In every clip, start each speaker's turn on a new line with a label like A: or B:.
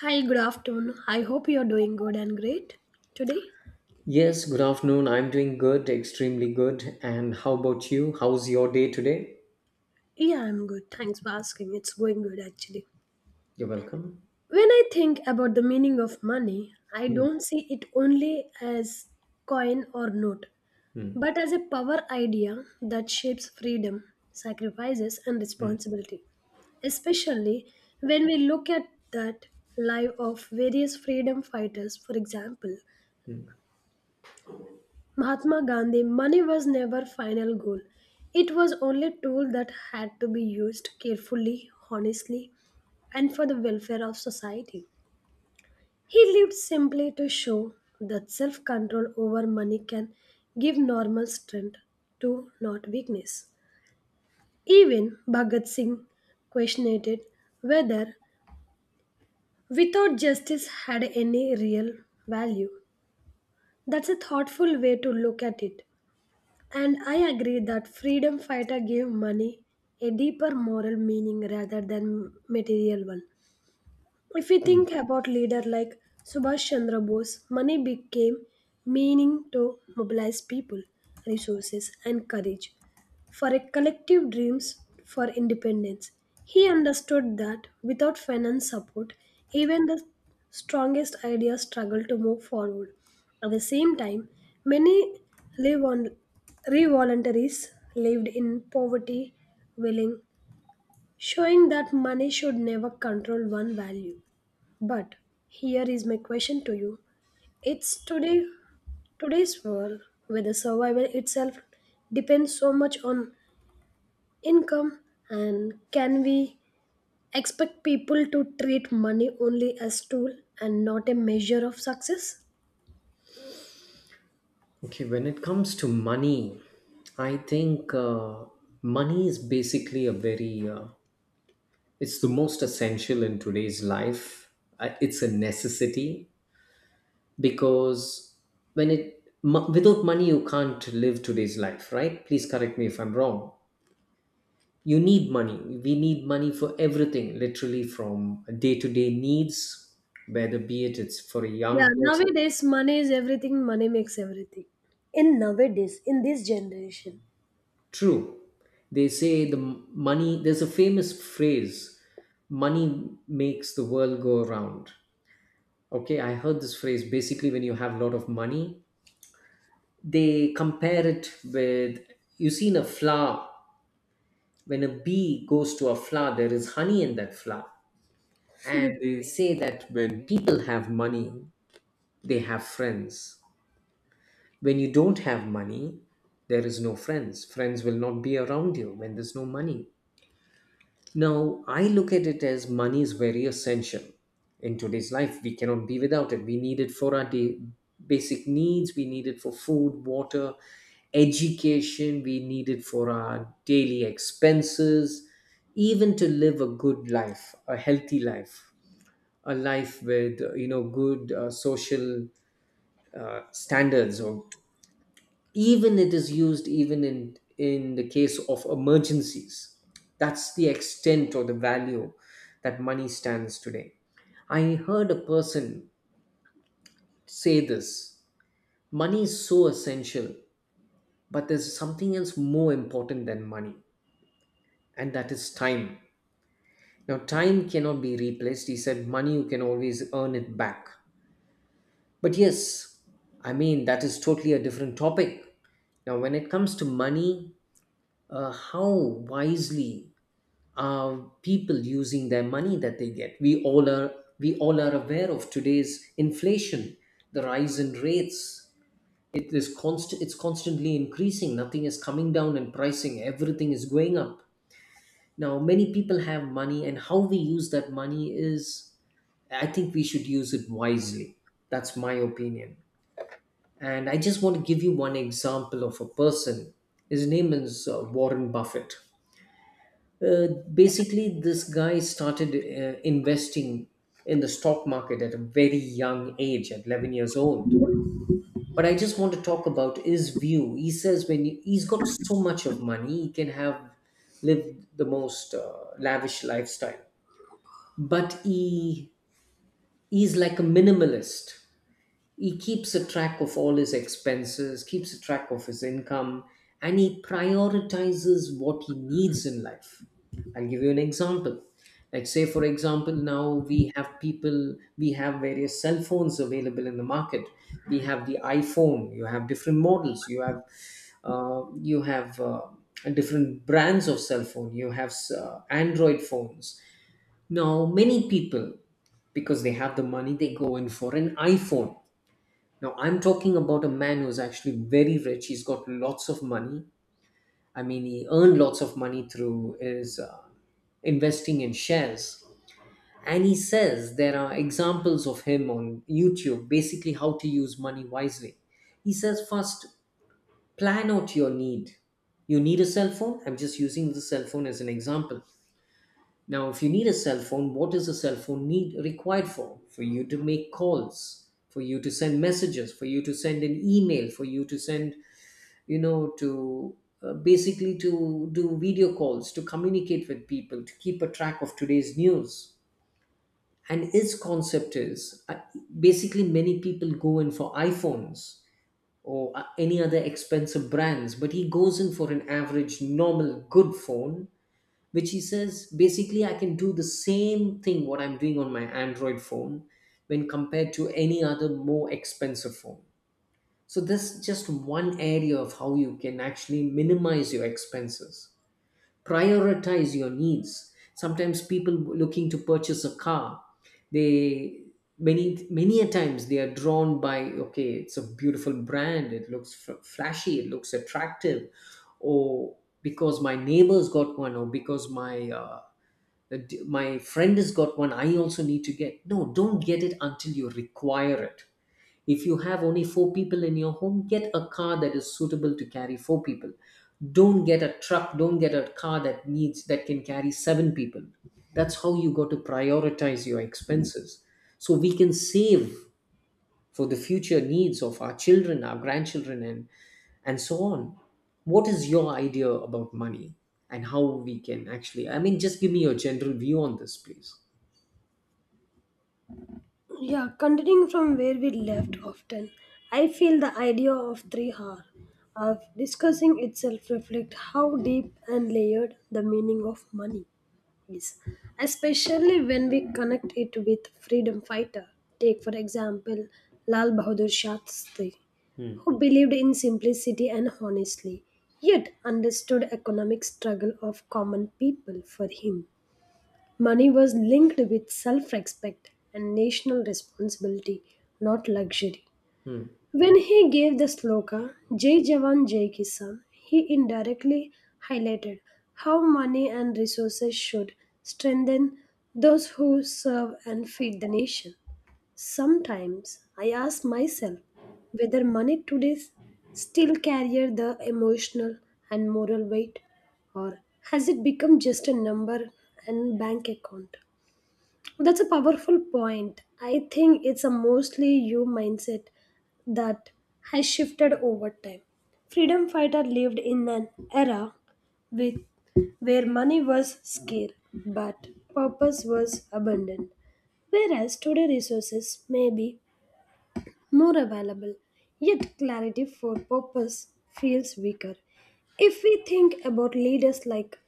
A: Hi, good afternoon. I hope you're doing good and great today.
B: Yes, good afternoon. I'm doing good, extremely good. And how about you? How's your day today?
A: Yeah, I'm good. Thanks for asking. It's going good actually.
B: You're welcome.
A: When I think about the meaning of money, I
B: Hmm,
A: don't see it only as coin or note,
B: hmm,
A: but as a power idea that shapes freedom, sacrifices, and
B: hmm,
A: responsibility. Especially when we look at that life of various freedom fighters, for example,
B: hmm,
A: Mahatma Gandhi, money was never final goal. It was only a tool that had to be used carefully, honestly, and for the welfare of society. He lived simply to show that self control over money can give normal strength to not weakness. Even Bhagat Singh questioned it whether without justice had any real value. That's a thoughtful way to look at it. And I agree that freedom fighter gave money a deeper moral meaning rather than material one. If we
B: hmm.
A: think about leader like Subhash Chandra Bose, money became meaning to mobilize people, resources and courage for a collective dreams for independence. He understood that without finance support, even the strongest ideas struggle to move forward. At the same time, many live on revoluntaries lived in poverty, willing, showing that money should never control one value. But here is my question to you. It's today's world where the survival itself depends so much on income and can we expect people to treat money only as tool and not a measure of success?
B: Okay, when it comes to money, I think money is basically it's the most essential in today's life. It's a necessity because without money, you can't live today's life, right? Please correct me if I'm wrong. You need money We need money for everything, literally, from day-to-day needs, whether be it's for a
A: Yeah,
B: young person.
A: nowadays money is everything, money makes everything. In nowadays, in this generation,
B: True. They say money, there's a famous phrase: money makes the world go around. Okay, I heard this phrase. Basically, when you have a lot of money, they compare it with, you seen a flower? When a bee goes to a flower, there is honey in that flower. And they say that when people have money, they have friends. When you don't have money, there is no friends. Friends will not be around you when there's no money. Now I look at it as money is very essential. In today's life, we cannot be without it. We need it for our basic needs. We need it for food, water, education. We need it for our daily expenses, even to live a good life, a healthy life, a life with good social standards, or even it is used, even in the case of emergencies. That's the extent or the value that money stands today. I heard a person say this: money is so essential, but there's something else more important than money, and that is time. Now time cannot be replaced, he said. Money you can always earn it back. But yes, I mean, that is totally a different topic. Now, when it comes to money, how wisely people using their money that they get. We all are aware of today's inflation, the rise in rates. It is constant. It's constantly increasing. Nothing is coming down in pricing. Everything is going up. Now, many people have money, and how we use that money is, I think we should use it wisely. That's my opinion. And I just want to give you one example of a person. His name is Warren Buffett. Uh, Basically, this guy started investing in the stock market at a very young age, at 11 years old. But I just want to talk about his view. He says, he's got so much of money, he can have lived the most lavish lifestyle. But he's like a minimalist. He keeps a track of all his expenses, keeps a track of his income, and he prioritizes what he needs in life. I'll give you an example. Like, say, for example, now we have people, we have various cell phones available in the market. We have the iPhone, you have different models, you have uh, you have uh, different brands of cell phone, you have Android phones. Now, many people, because they have the money, they go in for an iPhone. Now, I'm talking about a man who's actually very rich. He's got lots of money. I mean, he earned lots of money through his investing in shares. And he says there are examples of him on YouTube, basically how to use money wisely. He says, first, plan out your need. You need a cell phone? I'm just using the cell phone as an example. Now, if you need a cell phone, what is a cell phone need required for? For you to make calls, for you to send messages, for you to send an email, for you to send, you know, to basically to do video calls, to communicate with people, to keep a track of today's news. And its concept is basically many people go in for iPhones or any other expensive brands, but he goes in for an average, normal, good phone, which he says, basically I can do the same thing what I'm doing on my Android phone when compared to any other more expensive phone. So that's just one area of how you can actually minimize your expenses. Prioritize your needs. Sometimes people looking to purchase a car, they many a times they are drawn by, okay, it's a beautiful brand, it looks flashy, it looks attractive, or because my neighbors got one, or because my my friend has got one, I also need to get. No, don't get it until you require it. If you have only four people in your home, get a car that is suitable to carry four people. Don't get a truck, don't get a car that can carry seven people. That's how you got to prioritize your expenses, so we can save for the future needs of our children, our grandchildren, and so on. What is your idea about money, and how we can actually? I mean, just give me your general view on this, please.
A: yeah, continuing from where we left often, I feel the idea of three R of discussing itself reflect how deep and layered the meaning of money is, especially when we connect it with freedom fighter. Take for example Lal Bahadur Shastri,
B: Hmm.
A: who believed in simplicity and honestly, yet understood economic struggle of common people for him. Money was linked with self respect and national responsibility, not luxury.
B: Hmm.
A: When he gave the sloka, Jai Jawan Jai Kisan, he indirectly highlighted how money and resources should strengthen those who serve and feed the nation. Sometimes I ask myself whether money today still carries the emotional and moral weight, or has it become just a number and bank account? That's a powerful point. I think it's a mostly you mindset that has shifted over time. Freedom fighter lived in an era with where money was scarce but purpose was abundant. Whereas today resources may be more available, yet clarity for purpose feels weaker. If we think about leaders like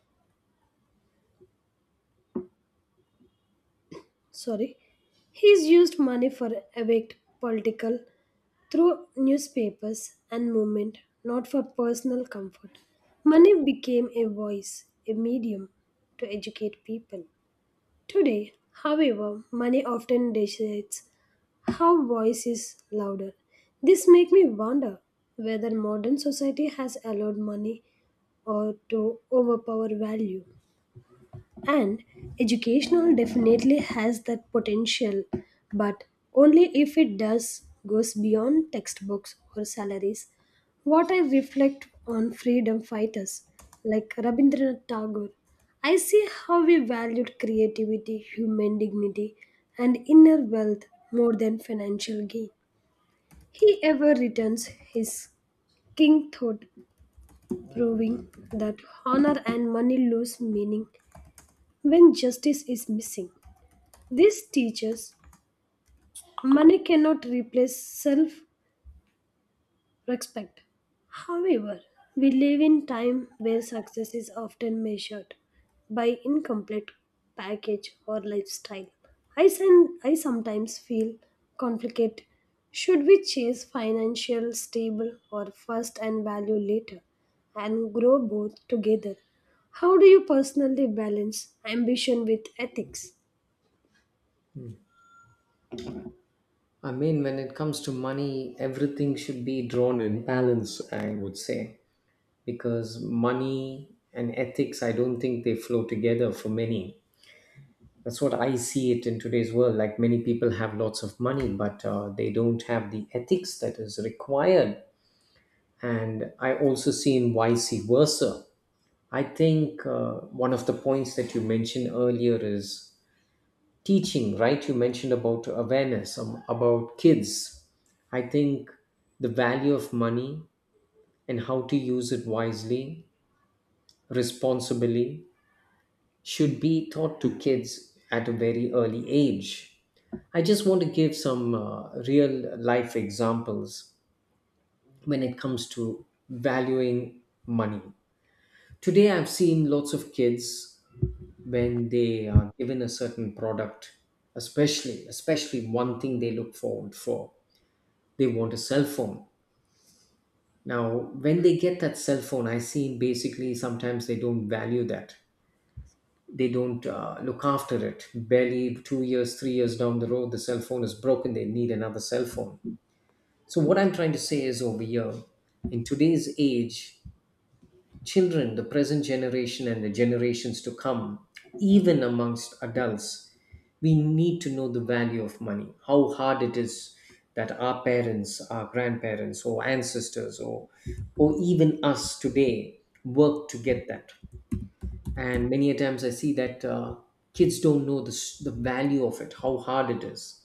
A: sorry he's used money for awake political through newspapers and movement not for personal comfort, money became a voice, a medium to educate people today. However, money often decides how voice is louder. This makes me wonder whether modern society has allowed money or to overpower value, and educational definitely has that potential, but only if it does goes beyond textbooks or salaries. What I reflect on freedom fighters like Rabindranath Tagore, I see how we valued creativity, human dignity, and inner wealth more than financial gain. He ever returns his king thought, proving that honor and money lose meaning when justice is missing. This teaches money cannot replace self respect. However, we live in time where success is often measured by incomplete package or lifestyle. I sometimes feel conflicted. Should we chase financial stable or first and value later and grow both together? How do you personally balance ambition with ethics?
B: I mean, when it comes to money, everything should be drawn in balance, I would say, because money and ethics, I don't think they flow together for many. That's what I see it in today's world. Like, many people have lots of money, but they don't have the ethics that is required. And I also see in vice versa. I think one of the points that you mentioned earlier is teaching, right? You mentioned about awareness about kids. I think the value of money and how to use it wisely, responsibly, should be taught to kids at a very early age. I just want to give some real life examples when it comes to valuing money. Today, I've seen lots of kids when they are given a certain product, especially one thing they look forward for: they want a cell phone. Now when they get that cell phone, I see basically sometimes they don't value that. They don't look after it. Barely 2 years 3 years down the road, the cell phone is broken, they need another cell phone. So what I'm trying to say is, over here in today's age, children, the present generation and the generations to come, even amongst adults, we need to know the value of money, how hard it is, that our parents, our grandparents, or ancestors, or even us today work to get that. And many a times I see that kids don't know the value of it, how hard it is.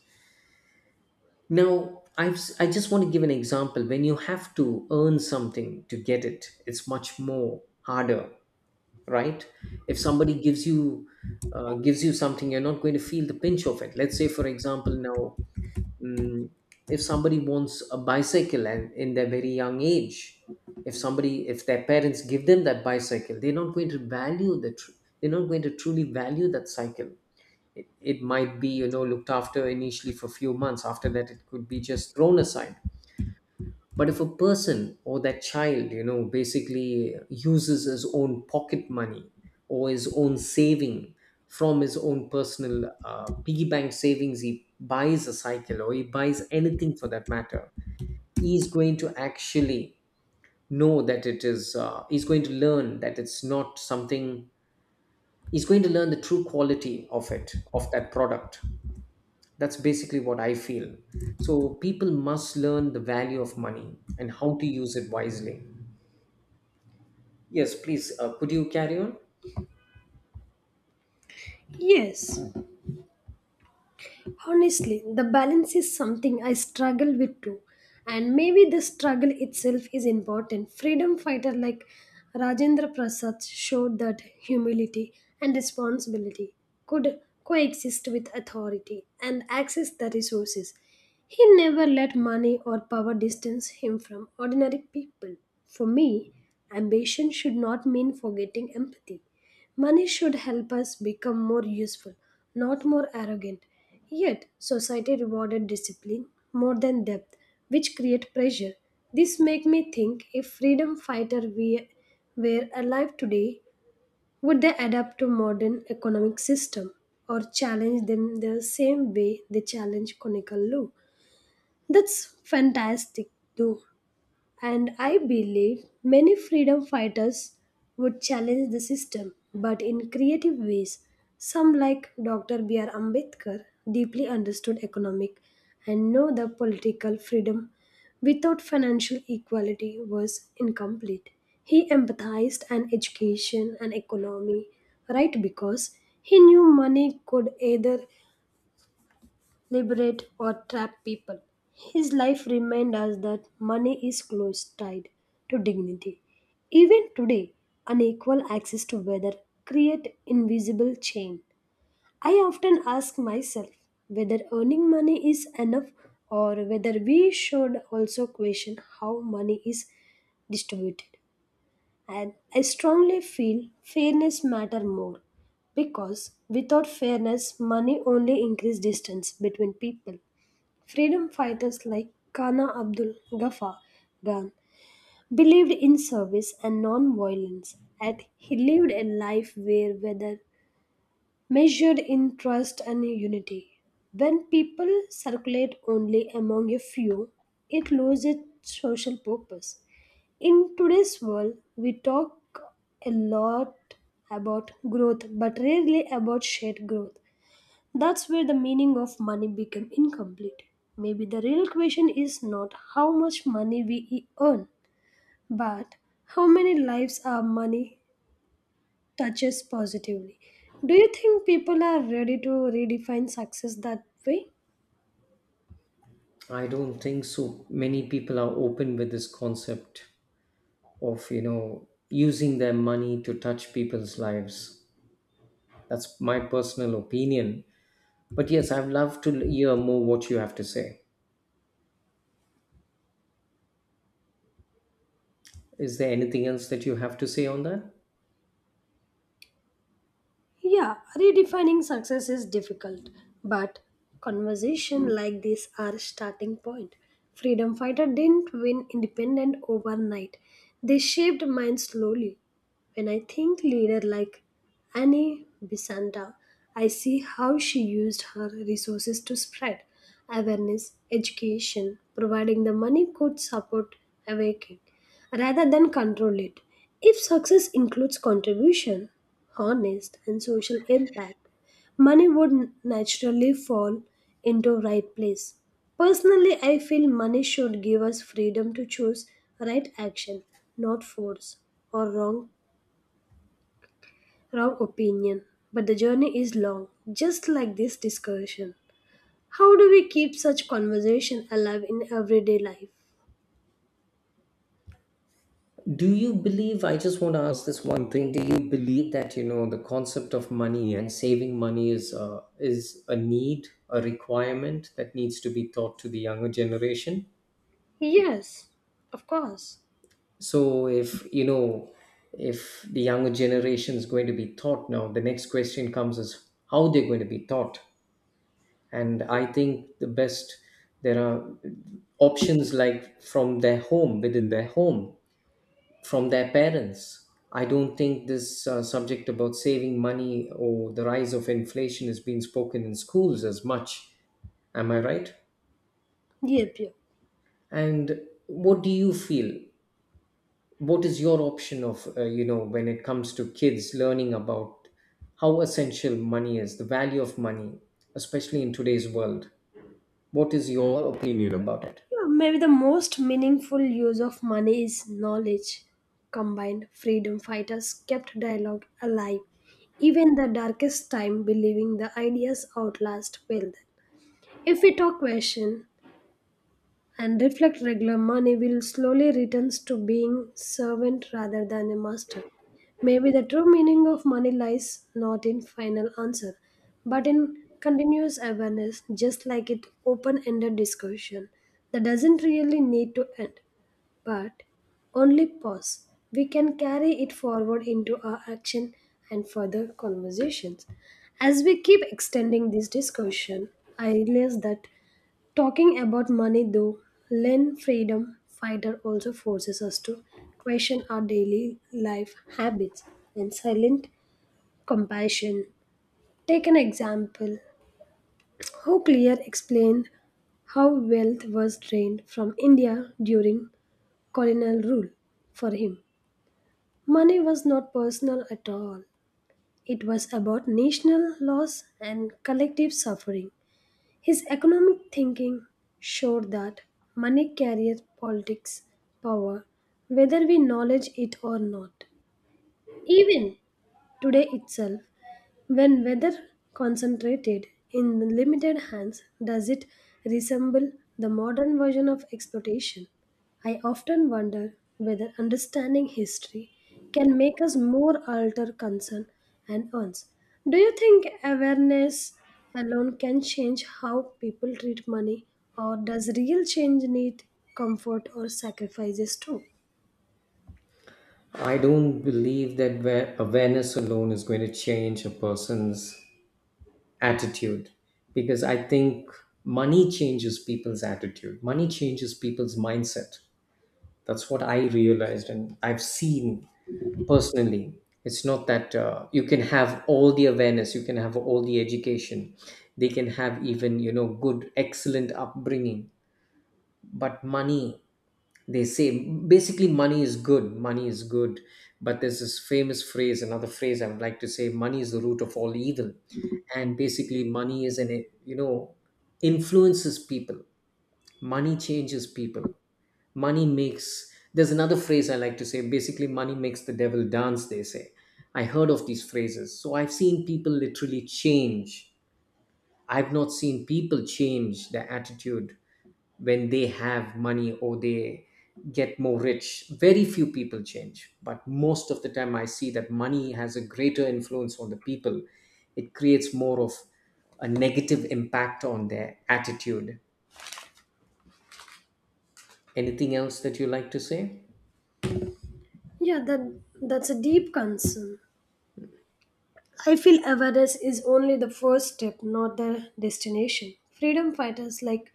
B: Now I just want to give an example: when you have to earn something to get it, it's much more harder, right? If somebody gives you something, you're not going to feel the pinch of it. Let's say, for example, now mm, if somebody wants a bicycle, and in their very young age, if their parents give them that bicycle, they're not going to value the tr- they're not going to truly value that cycle. It might be, you know, looked after initially for a few months. After that, it could be just thrown aside. But if a person, or that child, you know, basically uses his own pocket money, or his own saving, from his own personal piggy bank savings, he buys a cycle, or he buys anything for that matter, he is going to actually know that it is he's going to learn that it's not something he's going to learn the true quality of it, of that product. That's basically what I feel. So people must learn the value of money and how to use it wisely. Yes, please. Could you carry on?
A: Yes, honestly, the balance is something I struggle with too. And maybe the struggle itself is important. Freedom fighter like Rajendra Prasad showed that humility and responsibility could coexist with authority and access the resources. He never let money or power distance him from ordinary people. For me, ambition should not mean forgetting empathy. Money should help us become more useful, not more arrogant. Yet, society rewarded discipline more than depth, which create pressure. This make me think if freedom fighter we were alive today, would they adapt to modern economic system or challenge them the same way they challenge conical law? That's fantastic, though. And I believe many freedom fighters would challenge the system, but in creative ways. Some, like Dr. B.R. Ambedkar, deeply understood economic and know the political freedom without financial equality was incomplete. He empathized an education and economy, right? Because he knew money could either liberate, or trap people. His life reminds us that money is close tied to dignity. Even today, unequal access to weather create invisible chain. I often ask myself whether earning money is enough or whether we should also question how money is distributed. And I strongly feel fairness matter more because without fairness money only increase distance between people. Freedom fighters like Kana Abdul Ghaffar Khan believed in service and non-violence, and he lived a life where whether measured in trust and unity. When people circulate only among a few, it loses its social purpose. In today's world, we talk a lot about growth, but rarely about shared growth. That's where the meaning of money became incomplete. Maybe the real question is not how much money we earn, but how many lives our money touches positively. Do you think people are ready to redefine success that way?
B: I don't think so. Many people are open with this concept of, using their money to touch people's lives. That's my personal opinion. But yes, I'd love to hear more what you have to say. Is there anything else that you have to say on that?
A: Yeah, redefining success is difficult, but conversation like this are a starting point. Freedom fighter didn't win independent overnight. They shaped mine slowly. When I think leader like Annie Besanta, I see how she used her resources to spread awareness, education, providing the money could support awaken rather than control it. If success includes contribution, honest, and social impact, money would naturally fall into right place. Personally, I feel money should give us freedom to choose right action, not force or wrong opinion. But the journey is long, just like this discussion. How do we keep such conversation alive in everyday life?
B: Do you believe, I just want to ask this one thing, do you believe that, you know, the concept of money and saving money is a need, a requirement that needs to be taught to the younger generation?
A: Yes, of course.
B: So if you know, if the younger generation is going to be taught now, the next question comes is how they're going to be taught. And I think the best, there are options like from their home, within their home, from their parents. I don't think this subject about saving money or the rise of inflation is being spoken in schools as much. Am I right?
A: Yep, yep.
B: And what do you feel? What is your option of you know, when it comes to kids learning about how essential money is, the value of money, especially in today's world, what is your opinion about it?
A: Yeah, maybe the most meaningful use of money is knowledge combined. Freedom fighters kept dialogue alive. Even the darkest time, believing the ideas outlast will. If we talk question, and reflect regular money will slowly returns to being servant rather than a master. Maybe the true meaning of money lies not in final answer, but in continuous awareness, just like it open-ended discussion that doesn't really need to end, but only pause. We can carry it forward into our action and further conversations. As we keep extending this discussion, I realize that talking about money though, Lynn Freedom Fighter also forces us to question our daily life habits and silent compassion. Take an example. How clear explained how wealth was drained from India during colonial rule for him. Money was not personal at all. It was about national loss and collective suffering. His economic thinking showed that money carries politics power whether we acknowledge it or not. Even today itself, when weather concentrated in limited hands, does it resemble the modern version of exploitation? I often wonder whether understanding history can make us more alter concern and earns. Do you think awareness alone can change how people treat money, or does real change need comfort or sacrifices too?
B: I don't believe that awareness alone is going to change a person's attitude, because I think money changes people's attitude, money changes people's mindset. That's what I realized, and I've seen personally. It's not that you can have all the awareness, you can have all the education, they can have even, good, excellent upbringing. But money, they say, basically, money is good, money is good. But there's this famous phrase, another phrase I would like to say: money is the root of all evil. And basically, money is an, you know, influences people, money changes people, money makes there's another phrase I like to say: basically, money makes the devil dance, they say. I heard of these phrases, so I've seen people literally change. I've not seen people change their attitude when they have money, or they get more rich. Very few people change, but most of the time I see that money has a greater influence on the people. It creates more of a negative impact on their attitude. Anything else that you like to say?
A: Yeah, that's a deep concern. I feel awareness is only the first step, not the destination. Freedom fighters like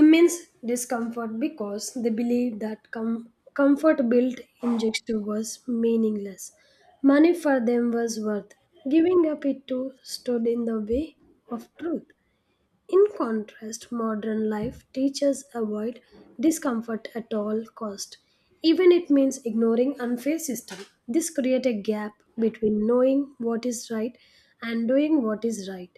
A: immense discomfort because they believe that comfort built in gesture was meaningless. Money for them was worth. Giving up it too stood in the way of truth. In contrast, modern life teaches avoid discomfort at all cost, even it means ignoring unfair system. This create a gap between knowing what is right and doing what is right.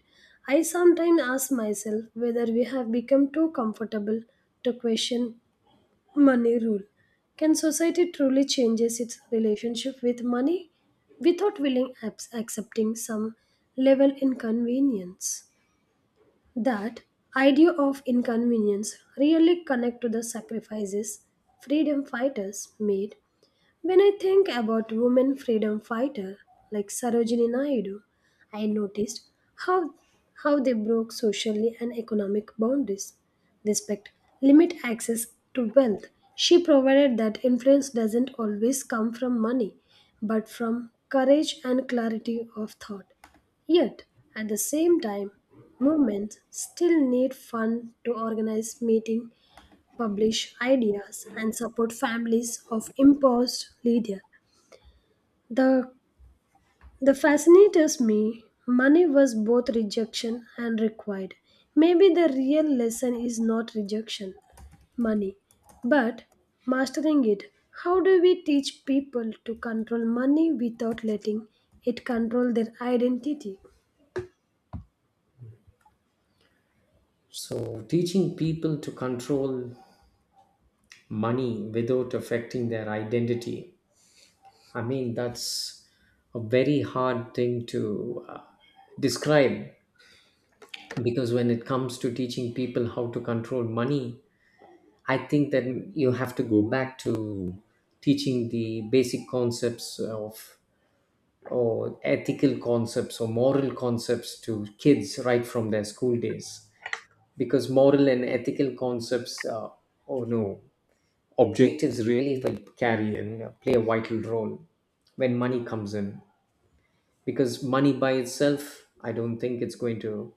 A: I sometimes ask myself whether we have become too comfortable to question money rule. Can society truly changes its relationship with money without willing accepting some level inconvenience? That idea of inconvenience really connect to the sacrifices freedom fighters made when I think about women freedom fighters like Sarojini Naidu, I noticed how, how they broke socially and economic boundaries. Respect, limit access to wealth. She provided that influence doesn't always come from money, but from courage and clarity of thought. Yet, at the same time, movements still need fund to organize meetings publish ideas and support families of imposed leader. The the fascinates me money was both rejection and required. Maybe the real lesson is not rejection, money, but mastering it. How do we teach people to control money without letting it control their identity?
B: So, teaching people to control money without affecting their identity, I mean, that's a very hard thing to describe, because when it comes to teaching people how to control money, I think that you have to go back to teaching the basic concepts of, or ethical concepts, or moral concepts, to kids right from their school days. Because moral and ethical concepts, oh no, objectives really like carry, and play a vital role when money comes in. Because money by itself, I don't think it's going to,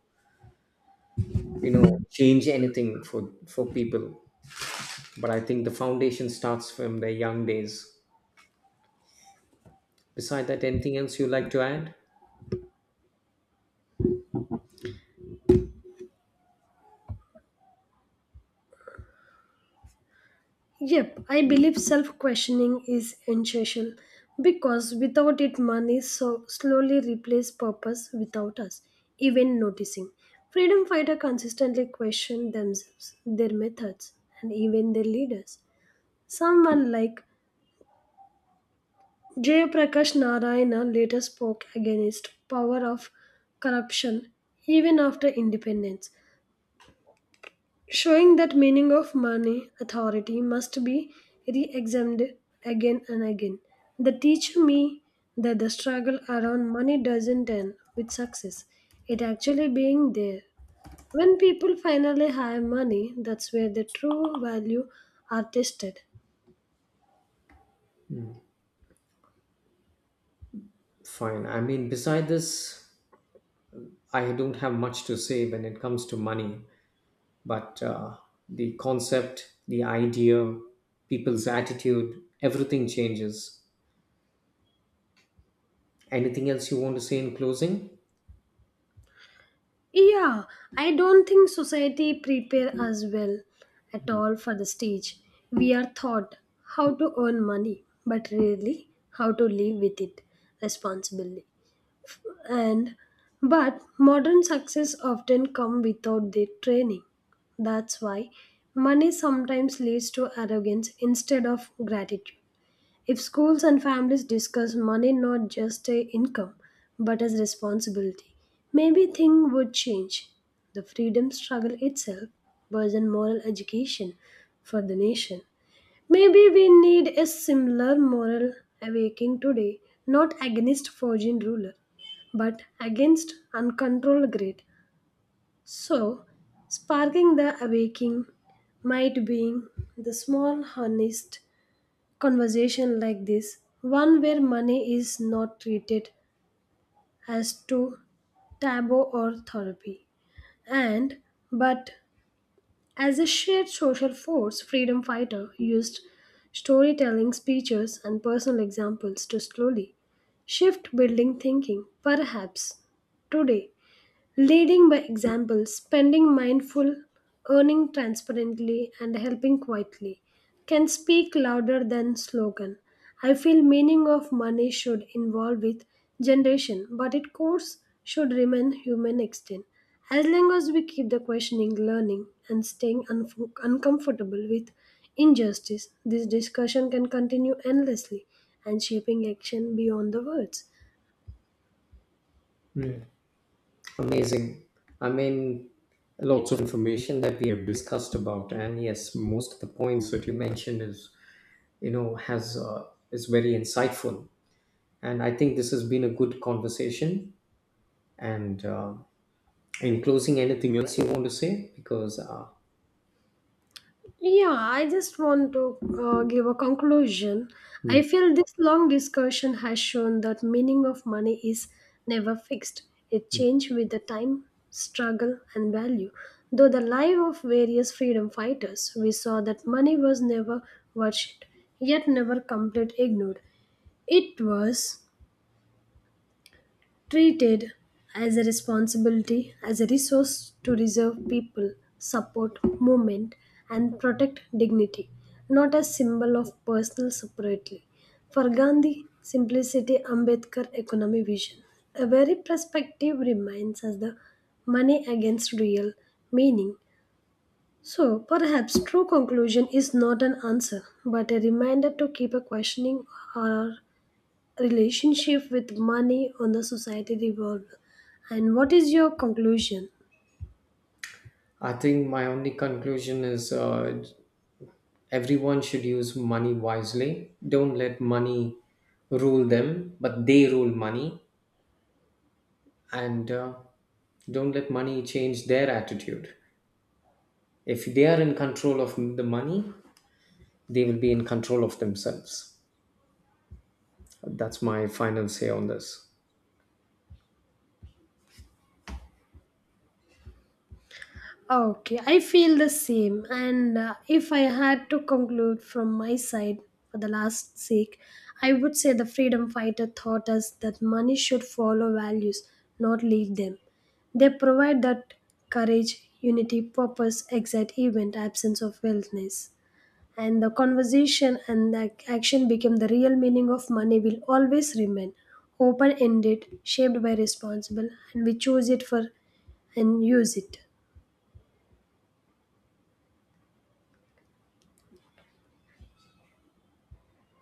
B: you know, change anything for people. But I think the foundation starts from their young days. Beside that, anything else you like to add?
A: Yep, I believe self questioning is essential because without it, money so slowly replaces purpose without us even noticing. Freedom fighters consistently question themselves, their methods, and even their leaders. Someone like Jayaprakash Narayana later spoke against power of corruption even after independence, showing that meaning of money authority must be re-examined again and again. They teach me that the struggle around money doesn't end with success. It actually being there. When people finally have money, that's where the true value are tested.
B: Fine, I mean, beside this, I don't have much to say when it comes to money, but the concept, the idea, people's attitude, everything changes. Anything else you want to say in closing?
A: Yeah, I don't think society prepare us well at all for the stage. We are taught how to earn money, but rarely how to live with it responsibly. And but modern success often come without the training. That's why money sometimes leads to arrogance instead of gratitude. If schools and families discuss money not just a income but as responsibility, maybe things would change. The freedom struggle itself was a moral education for the nation. Maybe we need a similar moral awakening today, not against forging ruler, but against uncontrolled greed. So, sparking the awakening might be the small, honest conversation like this, one where money is not treated as to taboo or therapy, and but as a shared social force, freedom fighter used storytelling, speeches, and personal examples to slowly shift building thinking. Perhaps today leading by example, spending mindful, earning transparently, and helping quietly can speak louder than slogan. I feel meaning of money should involve with generation, but its course should remain human extent. As long as we keep the questioning, learning, and staying uncomfortable with injustice, this discussion can continue endlessly and shaping action beyond the words.
B: Yeah. Amazing. I mean, lots of information that we have discussed about, and yes, most of the points that you mentioned is, you know, has is very insightful. And I think this has been a good conversation. And in closing, anything else you want to say? Because
A: Yeah, I just want to give a conclusion. I
B: mm,
A: feel this long discussion has shown that meaning of money is never fixed. It
B: mm.
A: changes with the time, struggle, and value. Though the life of various freedom fighters, we saw that money was never worshipped, yet never completely ignored. It was treated as a responsibility, as a resource to reserve people, support movement, and protect dignity, not as symbol of personal separately. For Gandhi, simplicity Ambedkar economy vision. A very perspective remains as the money against real meaning. So perhaps true conclusion is not an answer, but a reminder to keep a questioning or relationship with money on the society revolve and what is your conclusion.
B: I think my only conclusion is everyone should use money wisely. Don't let money rule them, but they rule money. And don't let money change their attitude. If they are in control of the money, they will be in control of themselves. That's my final say on this.
A: Okay, I feel the same, and if I had to conclude from my side for the last sake, I would say the freedom fighter taught us that money should follow values, not lead them. They provide that courage unity purpose exact event absence of wellness and the conversation and the action became the real meaning of money will always remain open ended shaped by responsible and we choose it for and use it.